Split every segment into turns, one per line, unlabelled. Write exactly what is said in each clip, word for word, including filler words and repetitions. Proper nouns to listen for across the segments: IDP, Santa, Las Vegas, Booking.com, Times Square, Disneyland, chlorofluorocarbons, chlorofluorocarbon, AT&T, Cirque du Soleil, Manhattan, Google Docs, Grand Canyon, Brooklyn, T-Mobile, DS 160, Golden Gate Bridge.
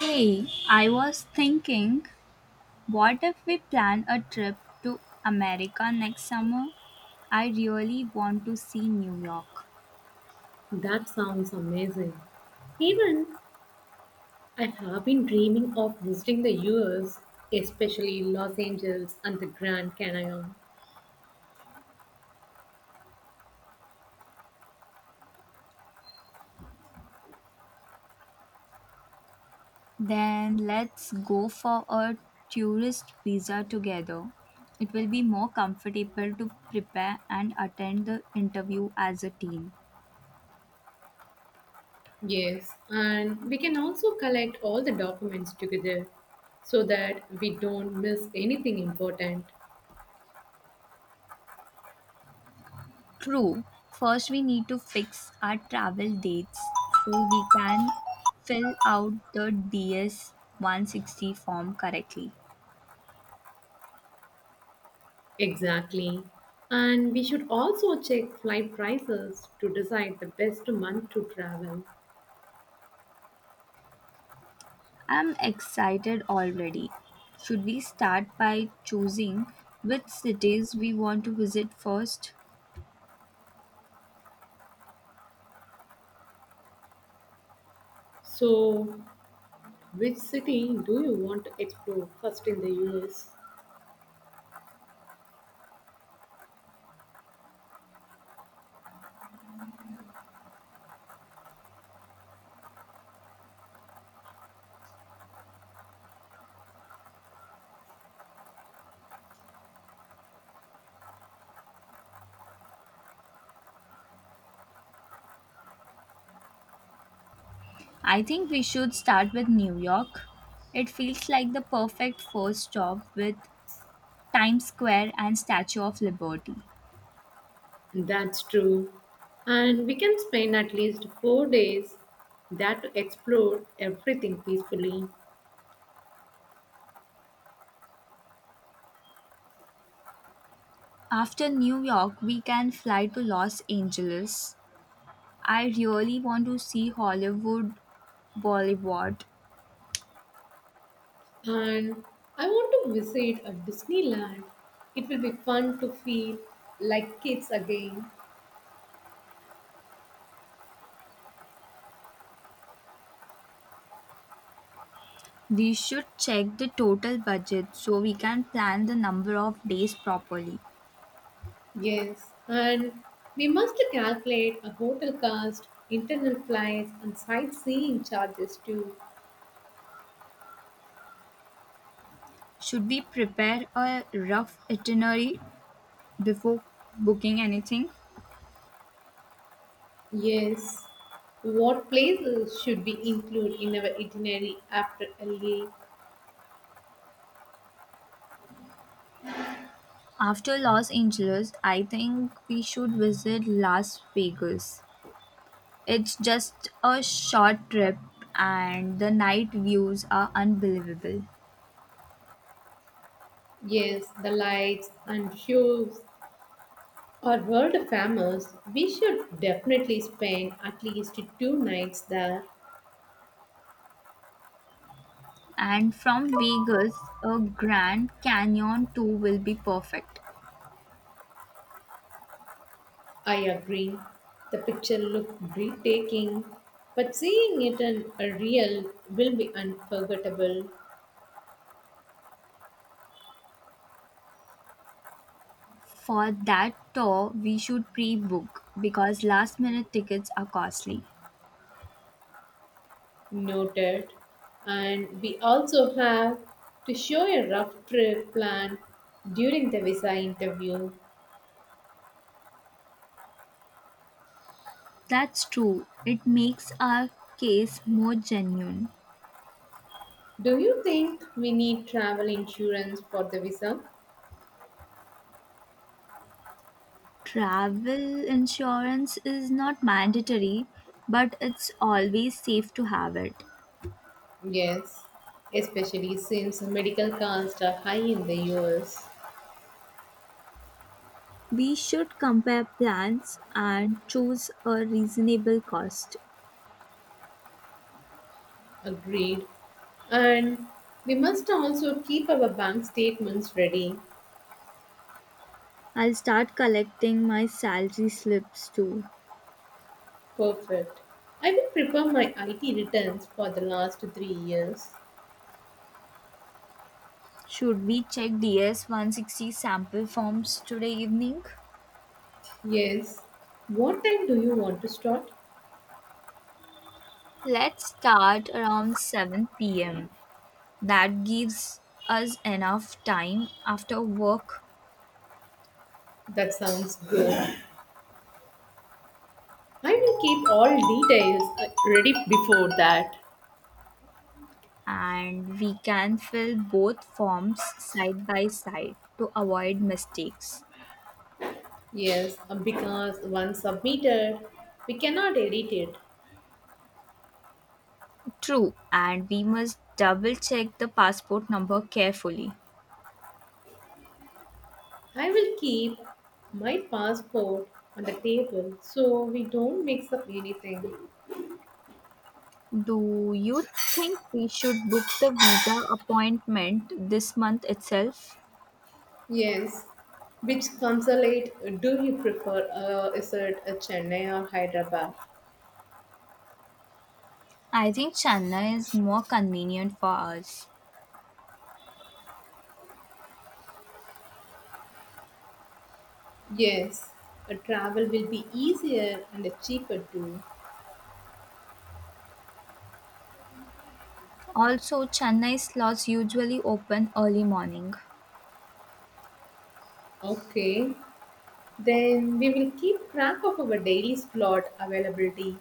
Hey, I was thinking, what if we plan a trip to America next summer? I really want to see New York.
That sounds amazing. Even I have been dreaming of visiting the U S, especially Los Angeles and the Grand Canyon.
Then let's go for a tourist visa together. It will be more comfortable to prepare and attend the interview as a team.
Yes, and we can also collect all the documents together so that we don't miss anything important.
True, first we need to fix our travel dates so we can fill out the D S one sixty form correctly.
Exactly. And we should also check flight prices to decide the best month to travel.
I'm excited already. Should we start by choosing which cities we want to visit first?
So, which city do you want to explore first in the U S?
I think we should start with New York. It feels like the perfect first stop with Times Square and Statue of Liberty.
That's true. And we can spend at least four days there to explore everything peacefully.
After New York, we can fly to Los Angeles. I really want to see Hollywood, Bollywood.
And I want to visit a Disneyland. It will be fun to feel like kids again.
We should check the total budget so we can plan the number of days properly.
Yes, and we must calculate a hotel cost, internal flights, and sightseeing charges too.
Should we prepare a rough itinerary before booking anything?
Yes, what places should we include in our itinerary after L A?
After Los Angeles, I think we should visit Las Vegas. It's just a short trip and the night views are unbelievable.
Yes, the lights and shows are world famous. We should definitely spend at least two nights there.
And from Vegas, a Grand Canyon tour will be perfect.
I agree. The picture looked breathtaking, but seeing it in a real will be unforgettable.
For that tour, we should pre book because last minute tickets are costly.
Noted. And we also have to show a rough trip plan during the visa interview.
That's true. It makes our case more genuine.
Do you think we need travel insurance for the visa?
Travel insurance is not mandatory, but it's always safe to have it.
Yes, especially since medical costs are high in the U S.
We should compare plans and choose a reasonable cost.
Agreed. And we must also keep our bank statements ready.
I'll start collecting my salary slips too.
Perfect. I will prepare my I T returns for the last three years.
Should we check D S one sixty sample forms today evening?
Yes. What time do you want to start?
Let's start around seven p m. that gives us enough time after work
That sounds good. I will keep all details uh, ready before that.
and we can fill both forms side by side to avoid mistakes.
Yes, uh, because once submitted, we cannot edit it.
True, and we must double check the passport number carefully.
I will keep my passport on the table so we don't mix up anything.
Do you think we should book the visa appointment this month itself?
Yes. Which consulate do you prefer? Uh, is it a Chennai or Hyderabad?
I think Chennai is more convenient for us.
Yes. A travel will be easier and cheaper too.
Also, Chennai slots usually open early morning.
Okay. Then we will keep track of our daily slot availability.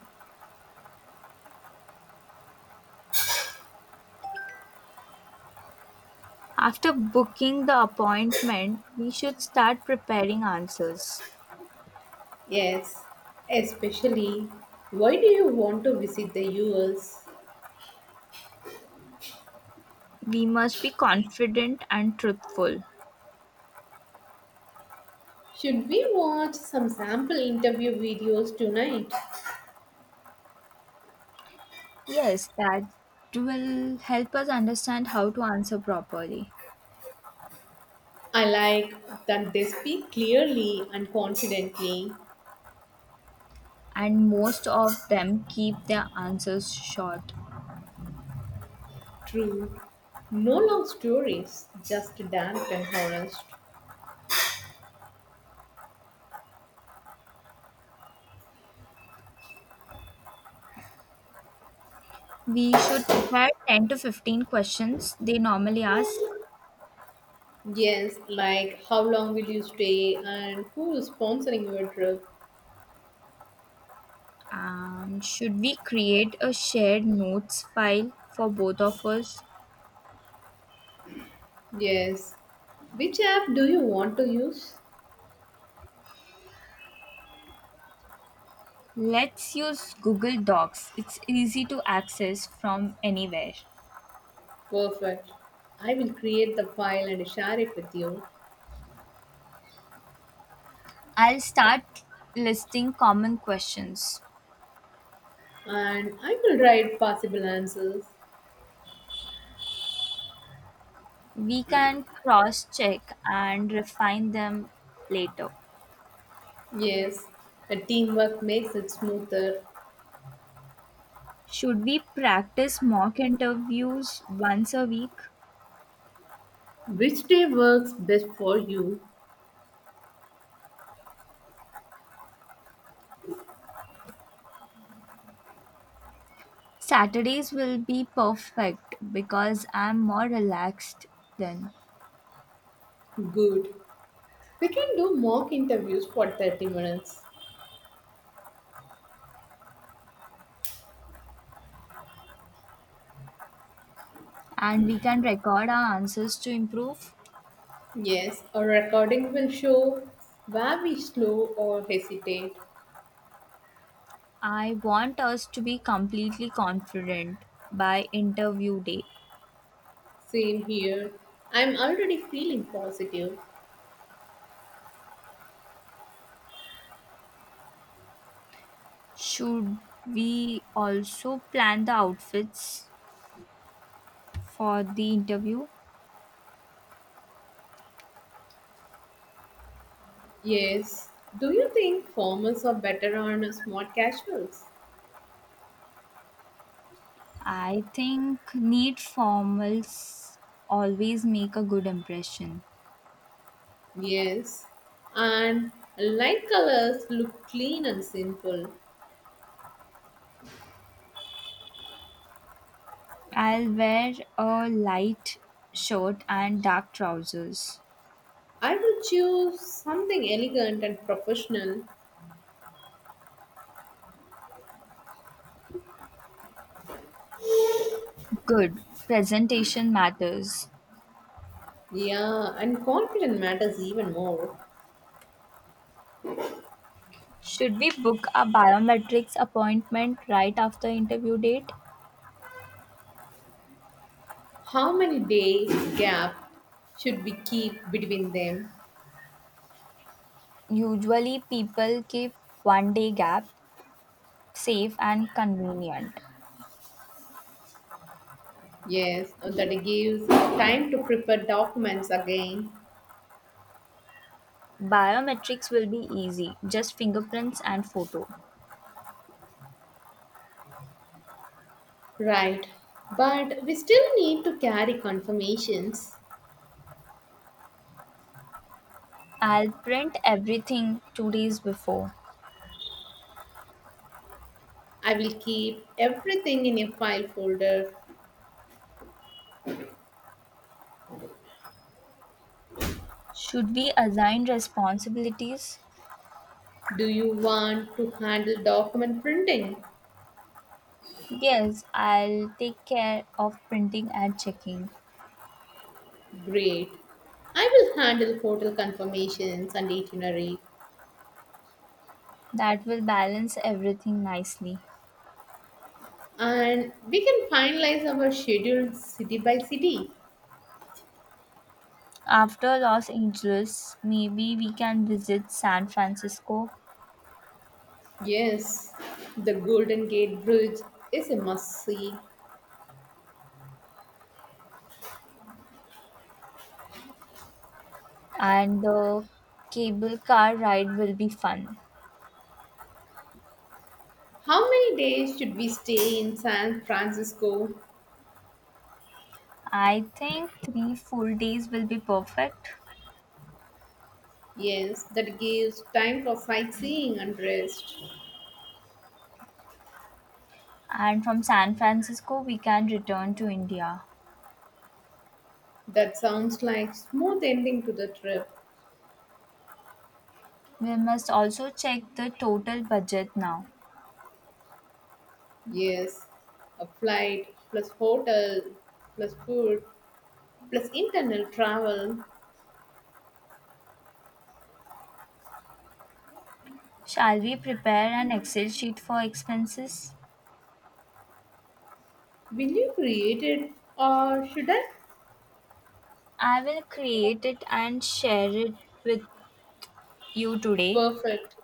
After booking the appointment, we should start preparing answers.
Yes. Especially, why do you want to visit the U S?
We must be confident and truthful.
Should we watch some sample interview videos tonight?
Yes, that will help us understand how to answer properly.
I like that they speak clearly and confidently,
And most of them keep their answers short.
true. No long stories, just direct and honest.
We should prepare ten to fifteen questions they normally ask.
Yes, like how long will you stay and who is sponsoring your trip?
And should we create a shared notes file for both of us?
Yes. Which app do you want to use?
Let's use Google Docs. It's easy to access from anywhere.
Perfect. I will create the file and share it with you,
I'll start listing common questions.
and I will write possible answers.
We can cross check and refine them later.
Yes, a teamwork makes it smoother.
Should we practice mock interviews once a week?
Which day works best for you?
Saturdays will be perfect because I'm more relaxed then,
Good. We can do mock interviews for thirty minutes.
and we can record our answers to improve.
Yes, a recording will show where we slow or hesitate.
I want us to be completely confident by interview day.
Same here. I'm already feeling positive.
Should we also plan the outfits for the interview?
Yes. Do you think formals are better on smart casuals?
I think neat formals always make a good impression.
Yes. And light colors look clean and simple.
I'll wear a light shirt and dark trousers.
I would choose something elegant and professional.
Good. Presentation matters.
Yeah, and confident matters even more.
Should we book a biometrics appointment right after interview date?
How many days gap should we keep between them?
Usually, people keep one day gap safe and convenient.
Yes, that gives time to prepare documents again.
Biometrics will be easy, just fingerprints and photo.
Right, but we still need to carry confirmations.
I'll print everything two days before.
I will keep everything in a file folder.
Should we assign responsibilities?
Do you want to handle document printing?
Yes, I'll take care of printing and checking.
Great. I will handle hotel confirmations and itinerary,
That will balance everything nicely.
and we can finalize our schedule city by city.
After Los Angeles, maybe we can visit San Francisco
Yes, the Golden Gate Bridge is a must see.
and the cable car ride will be fun.
How many days should we stay in San Francisco?
I think three full days will be perfect.
Yes, that gives time for sightseeing and rest.
And from San Francisco, we can return to India.
That sounds like smooth ending to the trip.
We must also check the total budget now.
Yes, a flight plus hotel plus food plus internal travel.
Shall we prepare an Excel sheet for expenses?
Will you create it or should I?
I will create it and share it with you today,
Perfect.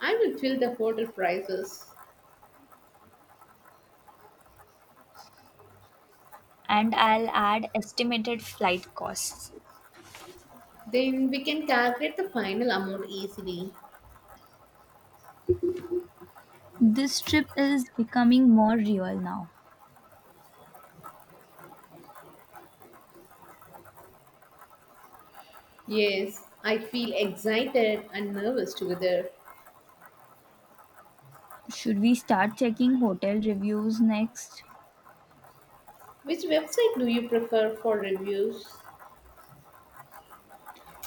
I will fill the hotel prices.
and I'll add estimated flight costs.
Then we can calculate the final amount easily.
This trip is becoming more real now.
Yes, I feel excited and nervous together.
Should we start checking hotel reviews next?
Which website do you prefer for reviews?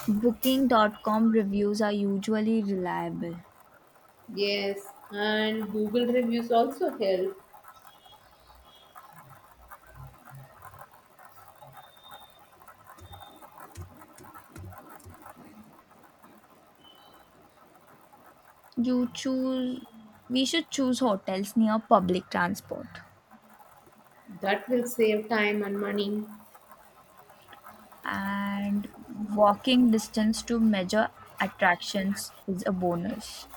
Booking dot com reviews are usually reliable.
Yes, and Google reviews also help.
You choose we should choose hotels near public transport
That will save time and money.
and walking distance to major attractions is a bonus.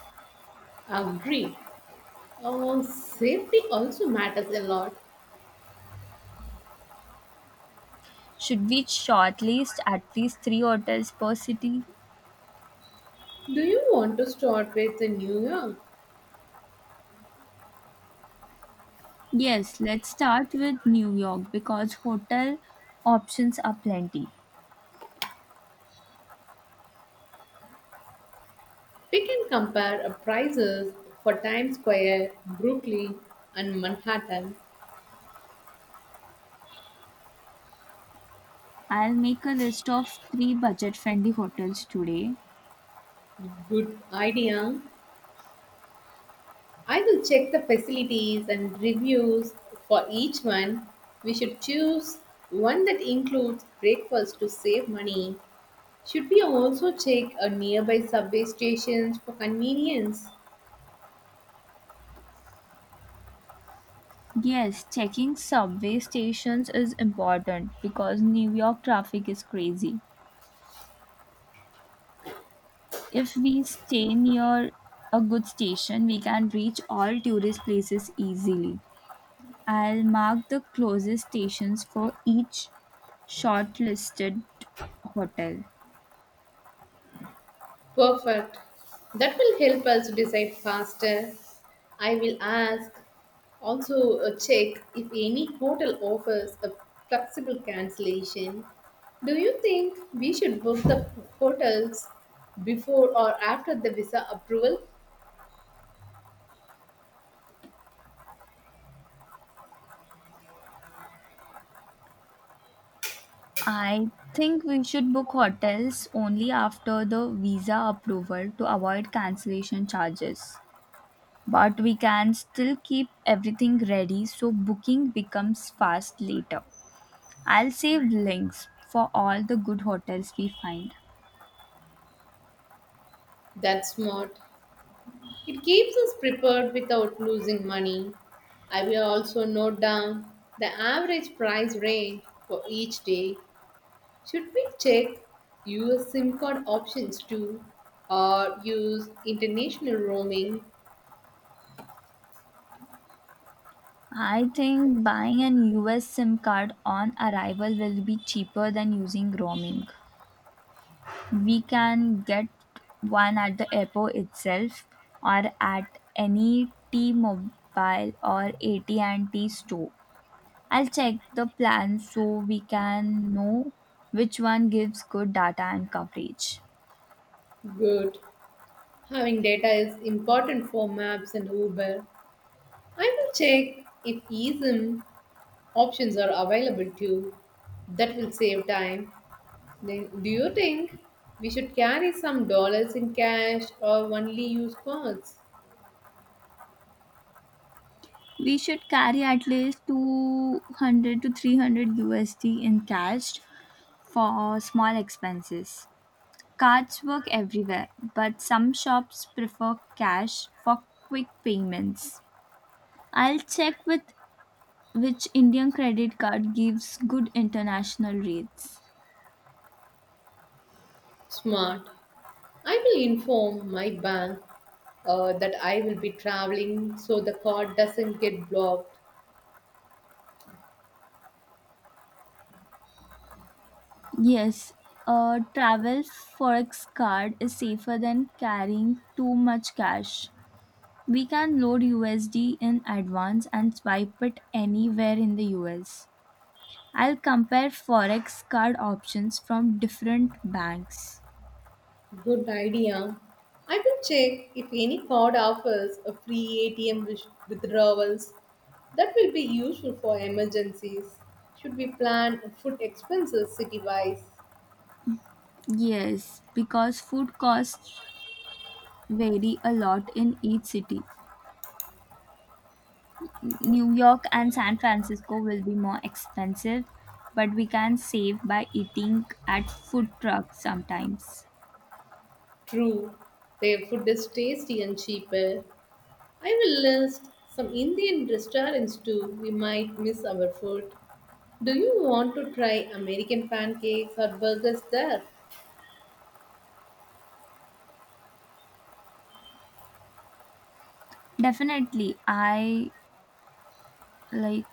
Agree. Oh, safety also matters a lot.
Should we shortlist at least three hotels per city?
Do you want to start with the New York?
Yes, let's start with New York because hotel options are plenty.
We can compare uh, prices for Times Square, Brooklyn, and Manhattan.
I'll make a list of three budget friendly hotels today.
Good idea. I will check the facilities and reviews for each one. We should choose one that includes breakfast to save money. Should we also check a nearby subway stations for convenience?
Yes, checking subway stations is important because New York traffic is crazy. If we stay near a good station, we can reach all tourist places easily. I'll mark the closest stations for each shortlisted hotel.
Perfect. That will help us decide faster. I will ask, also uh, check if any hotel offers a flexible cancellation. Do you think we should book the hotels before or after the visa approval?
I think we should book hotels only after the visa approval to avoid cancellation charges, but we can still keep everything ready so booking becomes fast later. I'll save links for all the good hotels we find.
That's smart. It keeps us prepared without losing money. I will also note down the average price range for each day. Should we check U S SIM card options too, or use international roaming?
I think buying an U S SIM card on arrival will be cheaper than using roaming. We can get one at the airport itself or at any T-Mobile or A T and T store. I'll check the plan so we can know which one gives good data and coverage.
Good. Having data is important for maps and Uber. I will check if eSIM options are available too. That will save time. Then, do you think we should carry some dollars in cash or only use cards?
We should carry at least two hundred to three hundred U S D in cash for small expenses. Cards work everywhere, but some shops prefer cash for quick payments. I'll check with which Indian credit card gives good international rates.
Smart. I will inform my bank uh, that I will be traveling so the card doesn't get blocked.
Yes, a travel forex card is safer than carrying too much cash. We can load U S D in advance and swipe it anywhere in the U S. I'll compare forex card options from different banks.
Good idea. I will check if any card offers a free A T M with- withdrawals. That will be useful for emergencies. Should we plan food expenses city wise?
Yes, because food costs vary a lot in each city. New York and San Francisco will be more expensive, but we can save by eating at food trucks sometimes.
True, their food is tasty and cheaper. I will list some Indian restaurants too. We might miss our food. Do you want to try American pancakes or burgers there?
Definitely, I like.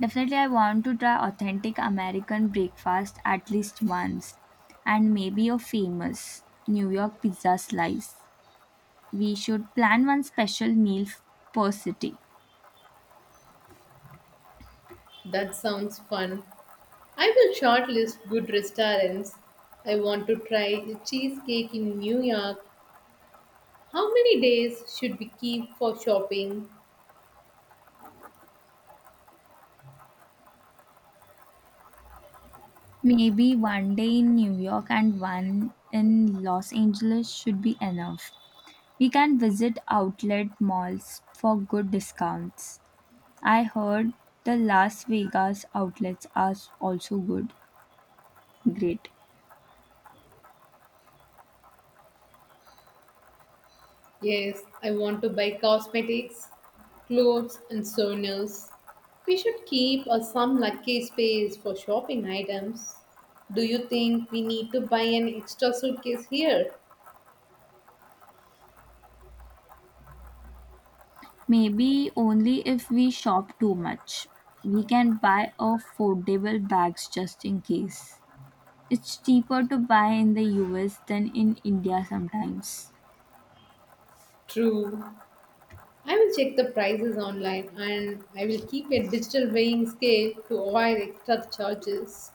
Definitely, I want to try authentic American breakfast at least once, and maybe a famous New York pizza slice. We should plan one special meal f- per city.
That sounds fun. I will shortlist good restaurants. I want to try the cheesecake in New York. How many days should we keep for shopping?
Maybe one day in New York and one in Los Angeles should be enough. We can visit outlet malls for good discounts. I heard the Las Vegas outlets are also good. Great.
Yes, I want to buy cosmetics, clothes, and souvenirs. We should keep uh, some luggage space for shopping items. Do you think we need to buy an extra suitcase here?
Maybe only if we shop too much. We can buy affordable bags just in case. It's cheaper to buy in the U S than in India sometimes.
True. I will check the prices online and I will keep a digital weighing scale to avoid extra charges.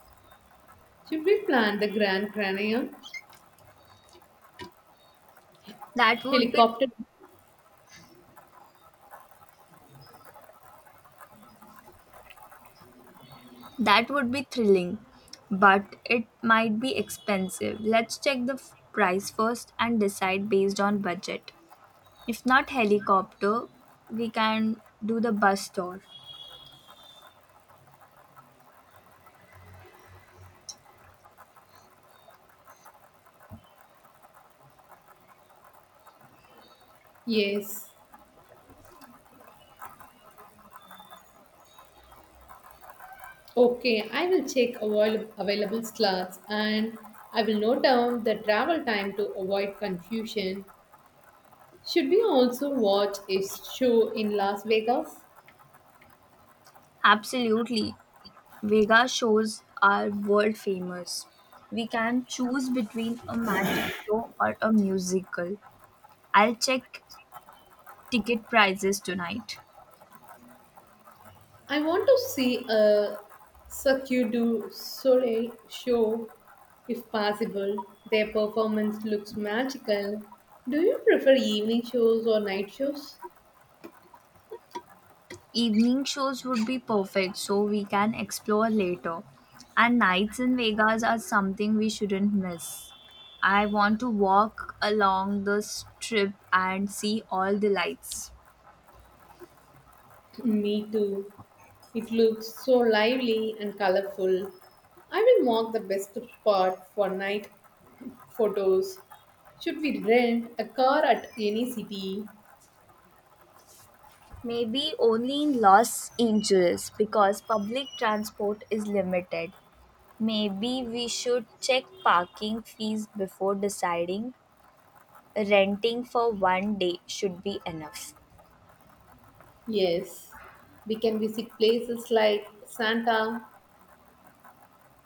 Should we plan the Grand Canyon
That would be
helicopter?
that would be thrilling, but it might be expensive. Let's check the f- price first and decide based on budget. If not helicopter, we can do the bus tour.
Yes. Okay, I will check avail- available slots and I will note down the travel time to avoid confusion. Should we also watch a show in Las Vegas?
Absolutely. Vega shows are world famous. We can choose between a magic show or a musical. I'll check ticket prices tonight.
I want to see a Cirque du Soleil show if possible. Their performance looks magical. Do you prefer evening shows or night shows?
Evening shows would be perfect so we can explore later. And nights in Vegas are something we shouldn't miss. I want to walk along the strip and see all the lights.
Me too. It looks so lively and colorful. I will mark the best spot for night photos. Should we rent a car at any city?
Maybe only in Los Angeles because public transport is limited. Maybe we should check parking fees before deciding. Renting for one day should be enough.
Yes. We can visit places like Santa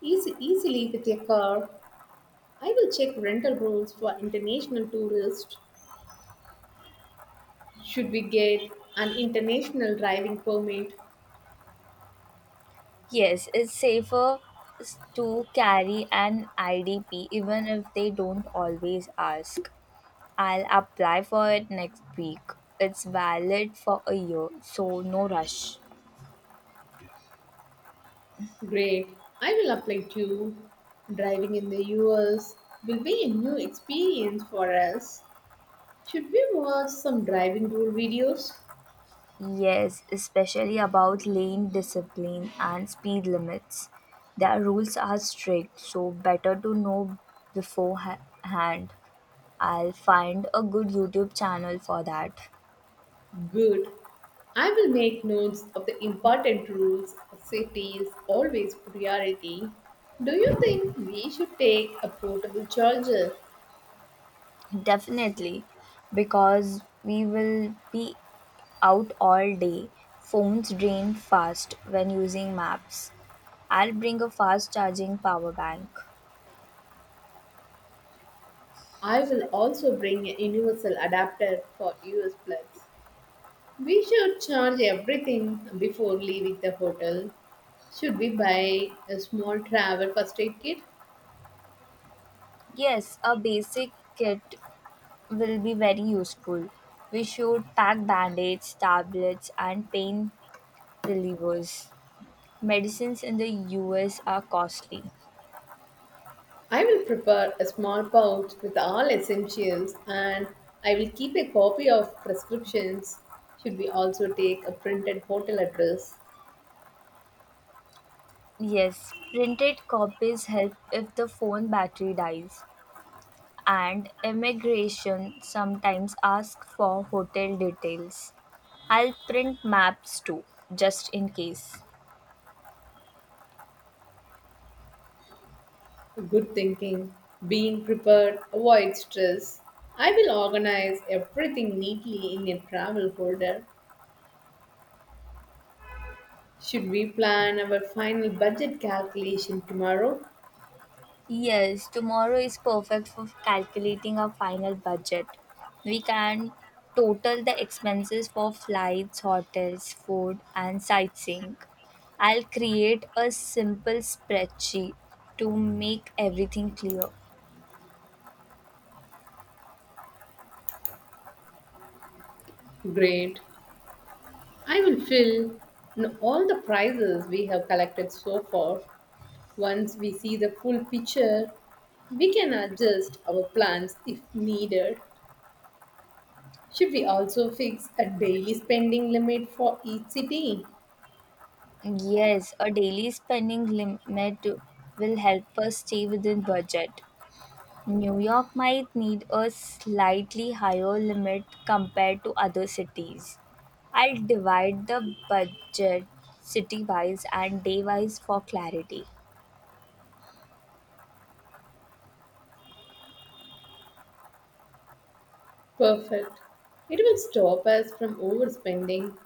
easy, easily with a car. I will check rental rules for international tourists. Should we get an international driving permit?
Yes, it's safer s- to carry an I D P even if they don't always ask. I'll apply for it next week. It's valid for a year, so no rush.
Great. I will apply too. Driving in the U S will be a new experience for us. Should we watch some driving rule videos?
Yes, especially about lane discipline and speed limits. Their rules are strict, so better to know beforehand. I'll find a good YouTube channel for that.
Good. I will make notes of the important rules. Safety is always priority. Do you think we should take a portable charger?
Definitely, because we will be out all day. Phones drain fast when using maps. I'll bring a fast charging power bank.
I will also bring a universal adapter for U S plugs. We should charge everything before leaving the hotel. Should we buy a small travel first aid kit?
Yes, a basic kit will be very useful. We should pack band aids, tablets, and pain relievers. Medicines in the U S are costly.
I will prepare a small pouch with all essentials and I will keep a copy of prescriptions. Should we also take a printed hotel address?
Yes, printed copies help if the phone battery dies, and immigration sometimes ask for hotel details. I'll print maps too, just in case.
Good thinking. Being prepared avoids stress. I will organize everything neatly in a travel folder. Should we plan our final budget calculation tomorrow?
Yes, tomorrow is perfect for calculating our final budget. We can total the expenses for flights, hotels, food, and sightseeing. I'll create a simple spreadsheet to make everything clear.
Great. I will fill in all the prizes we have collected so far. Once we see the full picture, we can adjust our plans if needed. Should we also fix a daily spending limit for each city?
Yes, a daily spending limit will help us stay within budget. New York might need a slightly higher limit compared to other cities. I'll divide the budget city wise and day wise for clarity.
Perfect. It will stop us from overspending.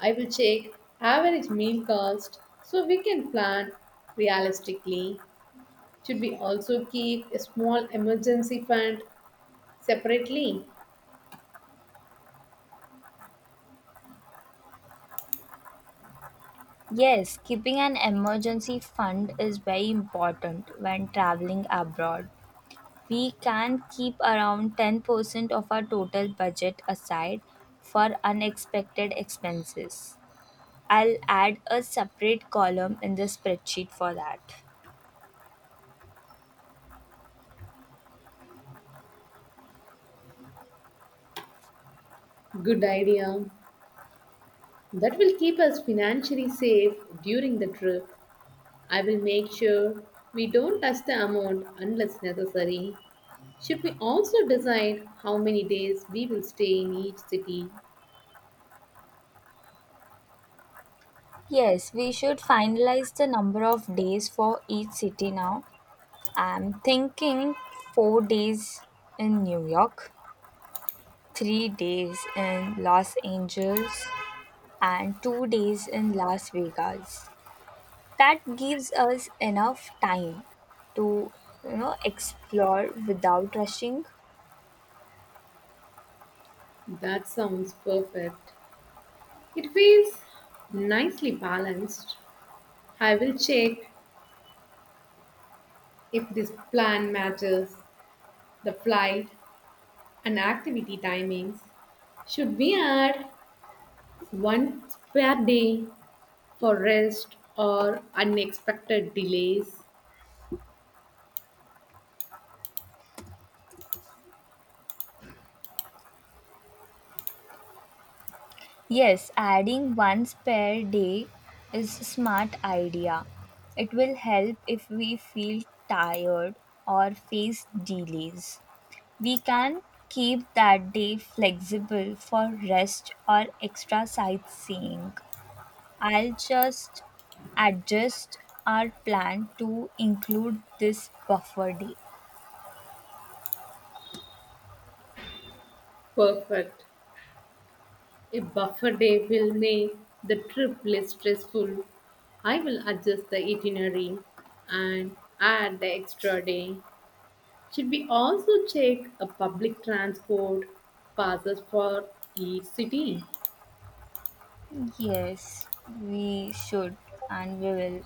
I will check average meal cost so we can plan realistically. Should we also keep a small emergency fund separately?
Yes, keeping an emergency fund is very important when traveling abroad. We can keep around ten percent of our total budget aside for unexpected expenses. I'll add a separate column in the spreadsheet for that.
Good idea. That will keep us financially safe during the trip. I will make sure we don't touch the amount unless necessary. Should we also decide how many days we will stay in each city?
Yes, we should finalize the number of days for each city now. I'm thinking four days in New York, three days in Los Angeles, and two days in Las Vegas. That gives us enough time to you know explore without rushing.
That sounds perfect. It feels nicely balanced. I will check if this plan matches the flight and activity timings. Should we add one spare day for rest or unexpected delays?
Yes, adding one spare day is a smart idea. It will help if we feel tired or face delays. We can keep that day flexible for rest or extra sightseeing. I'll just adjust our plan to include this buffer day.
Perfect. A buffer day will make the trip less stressful. I will adjust the itinerary and add the extra day. Should we also check a public transport passes for each city?
Yes, we should and we will.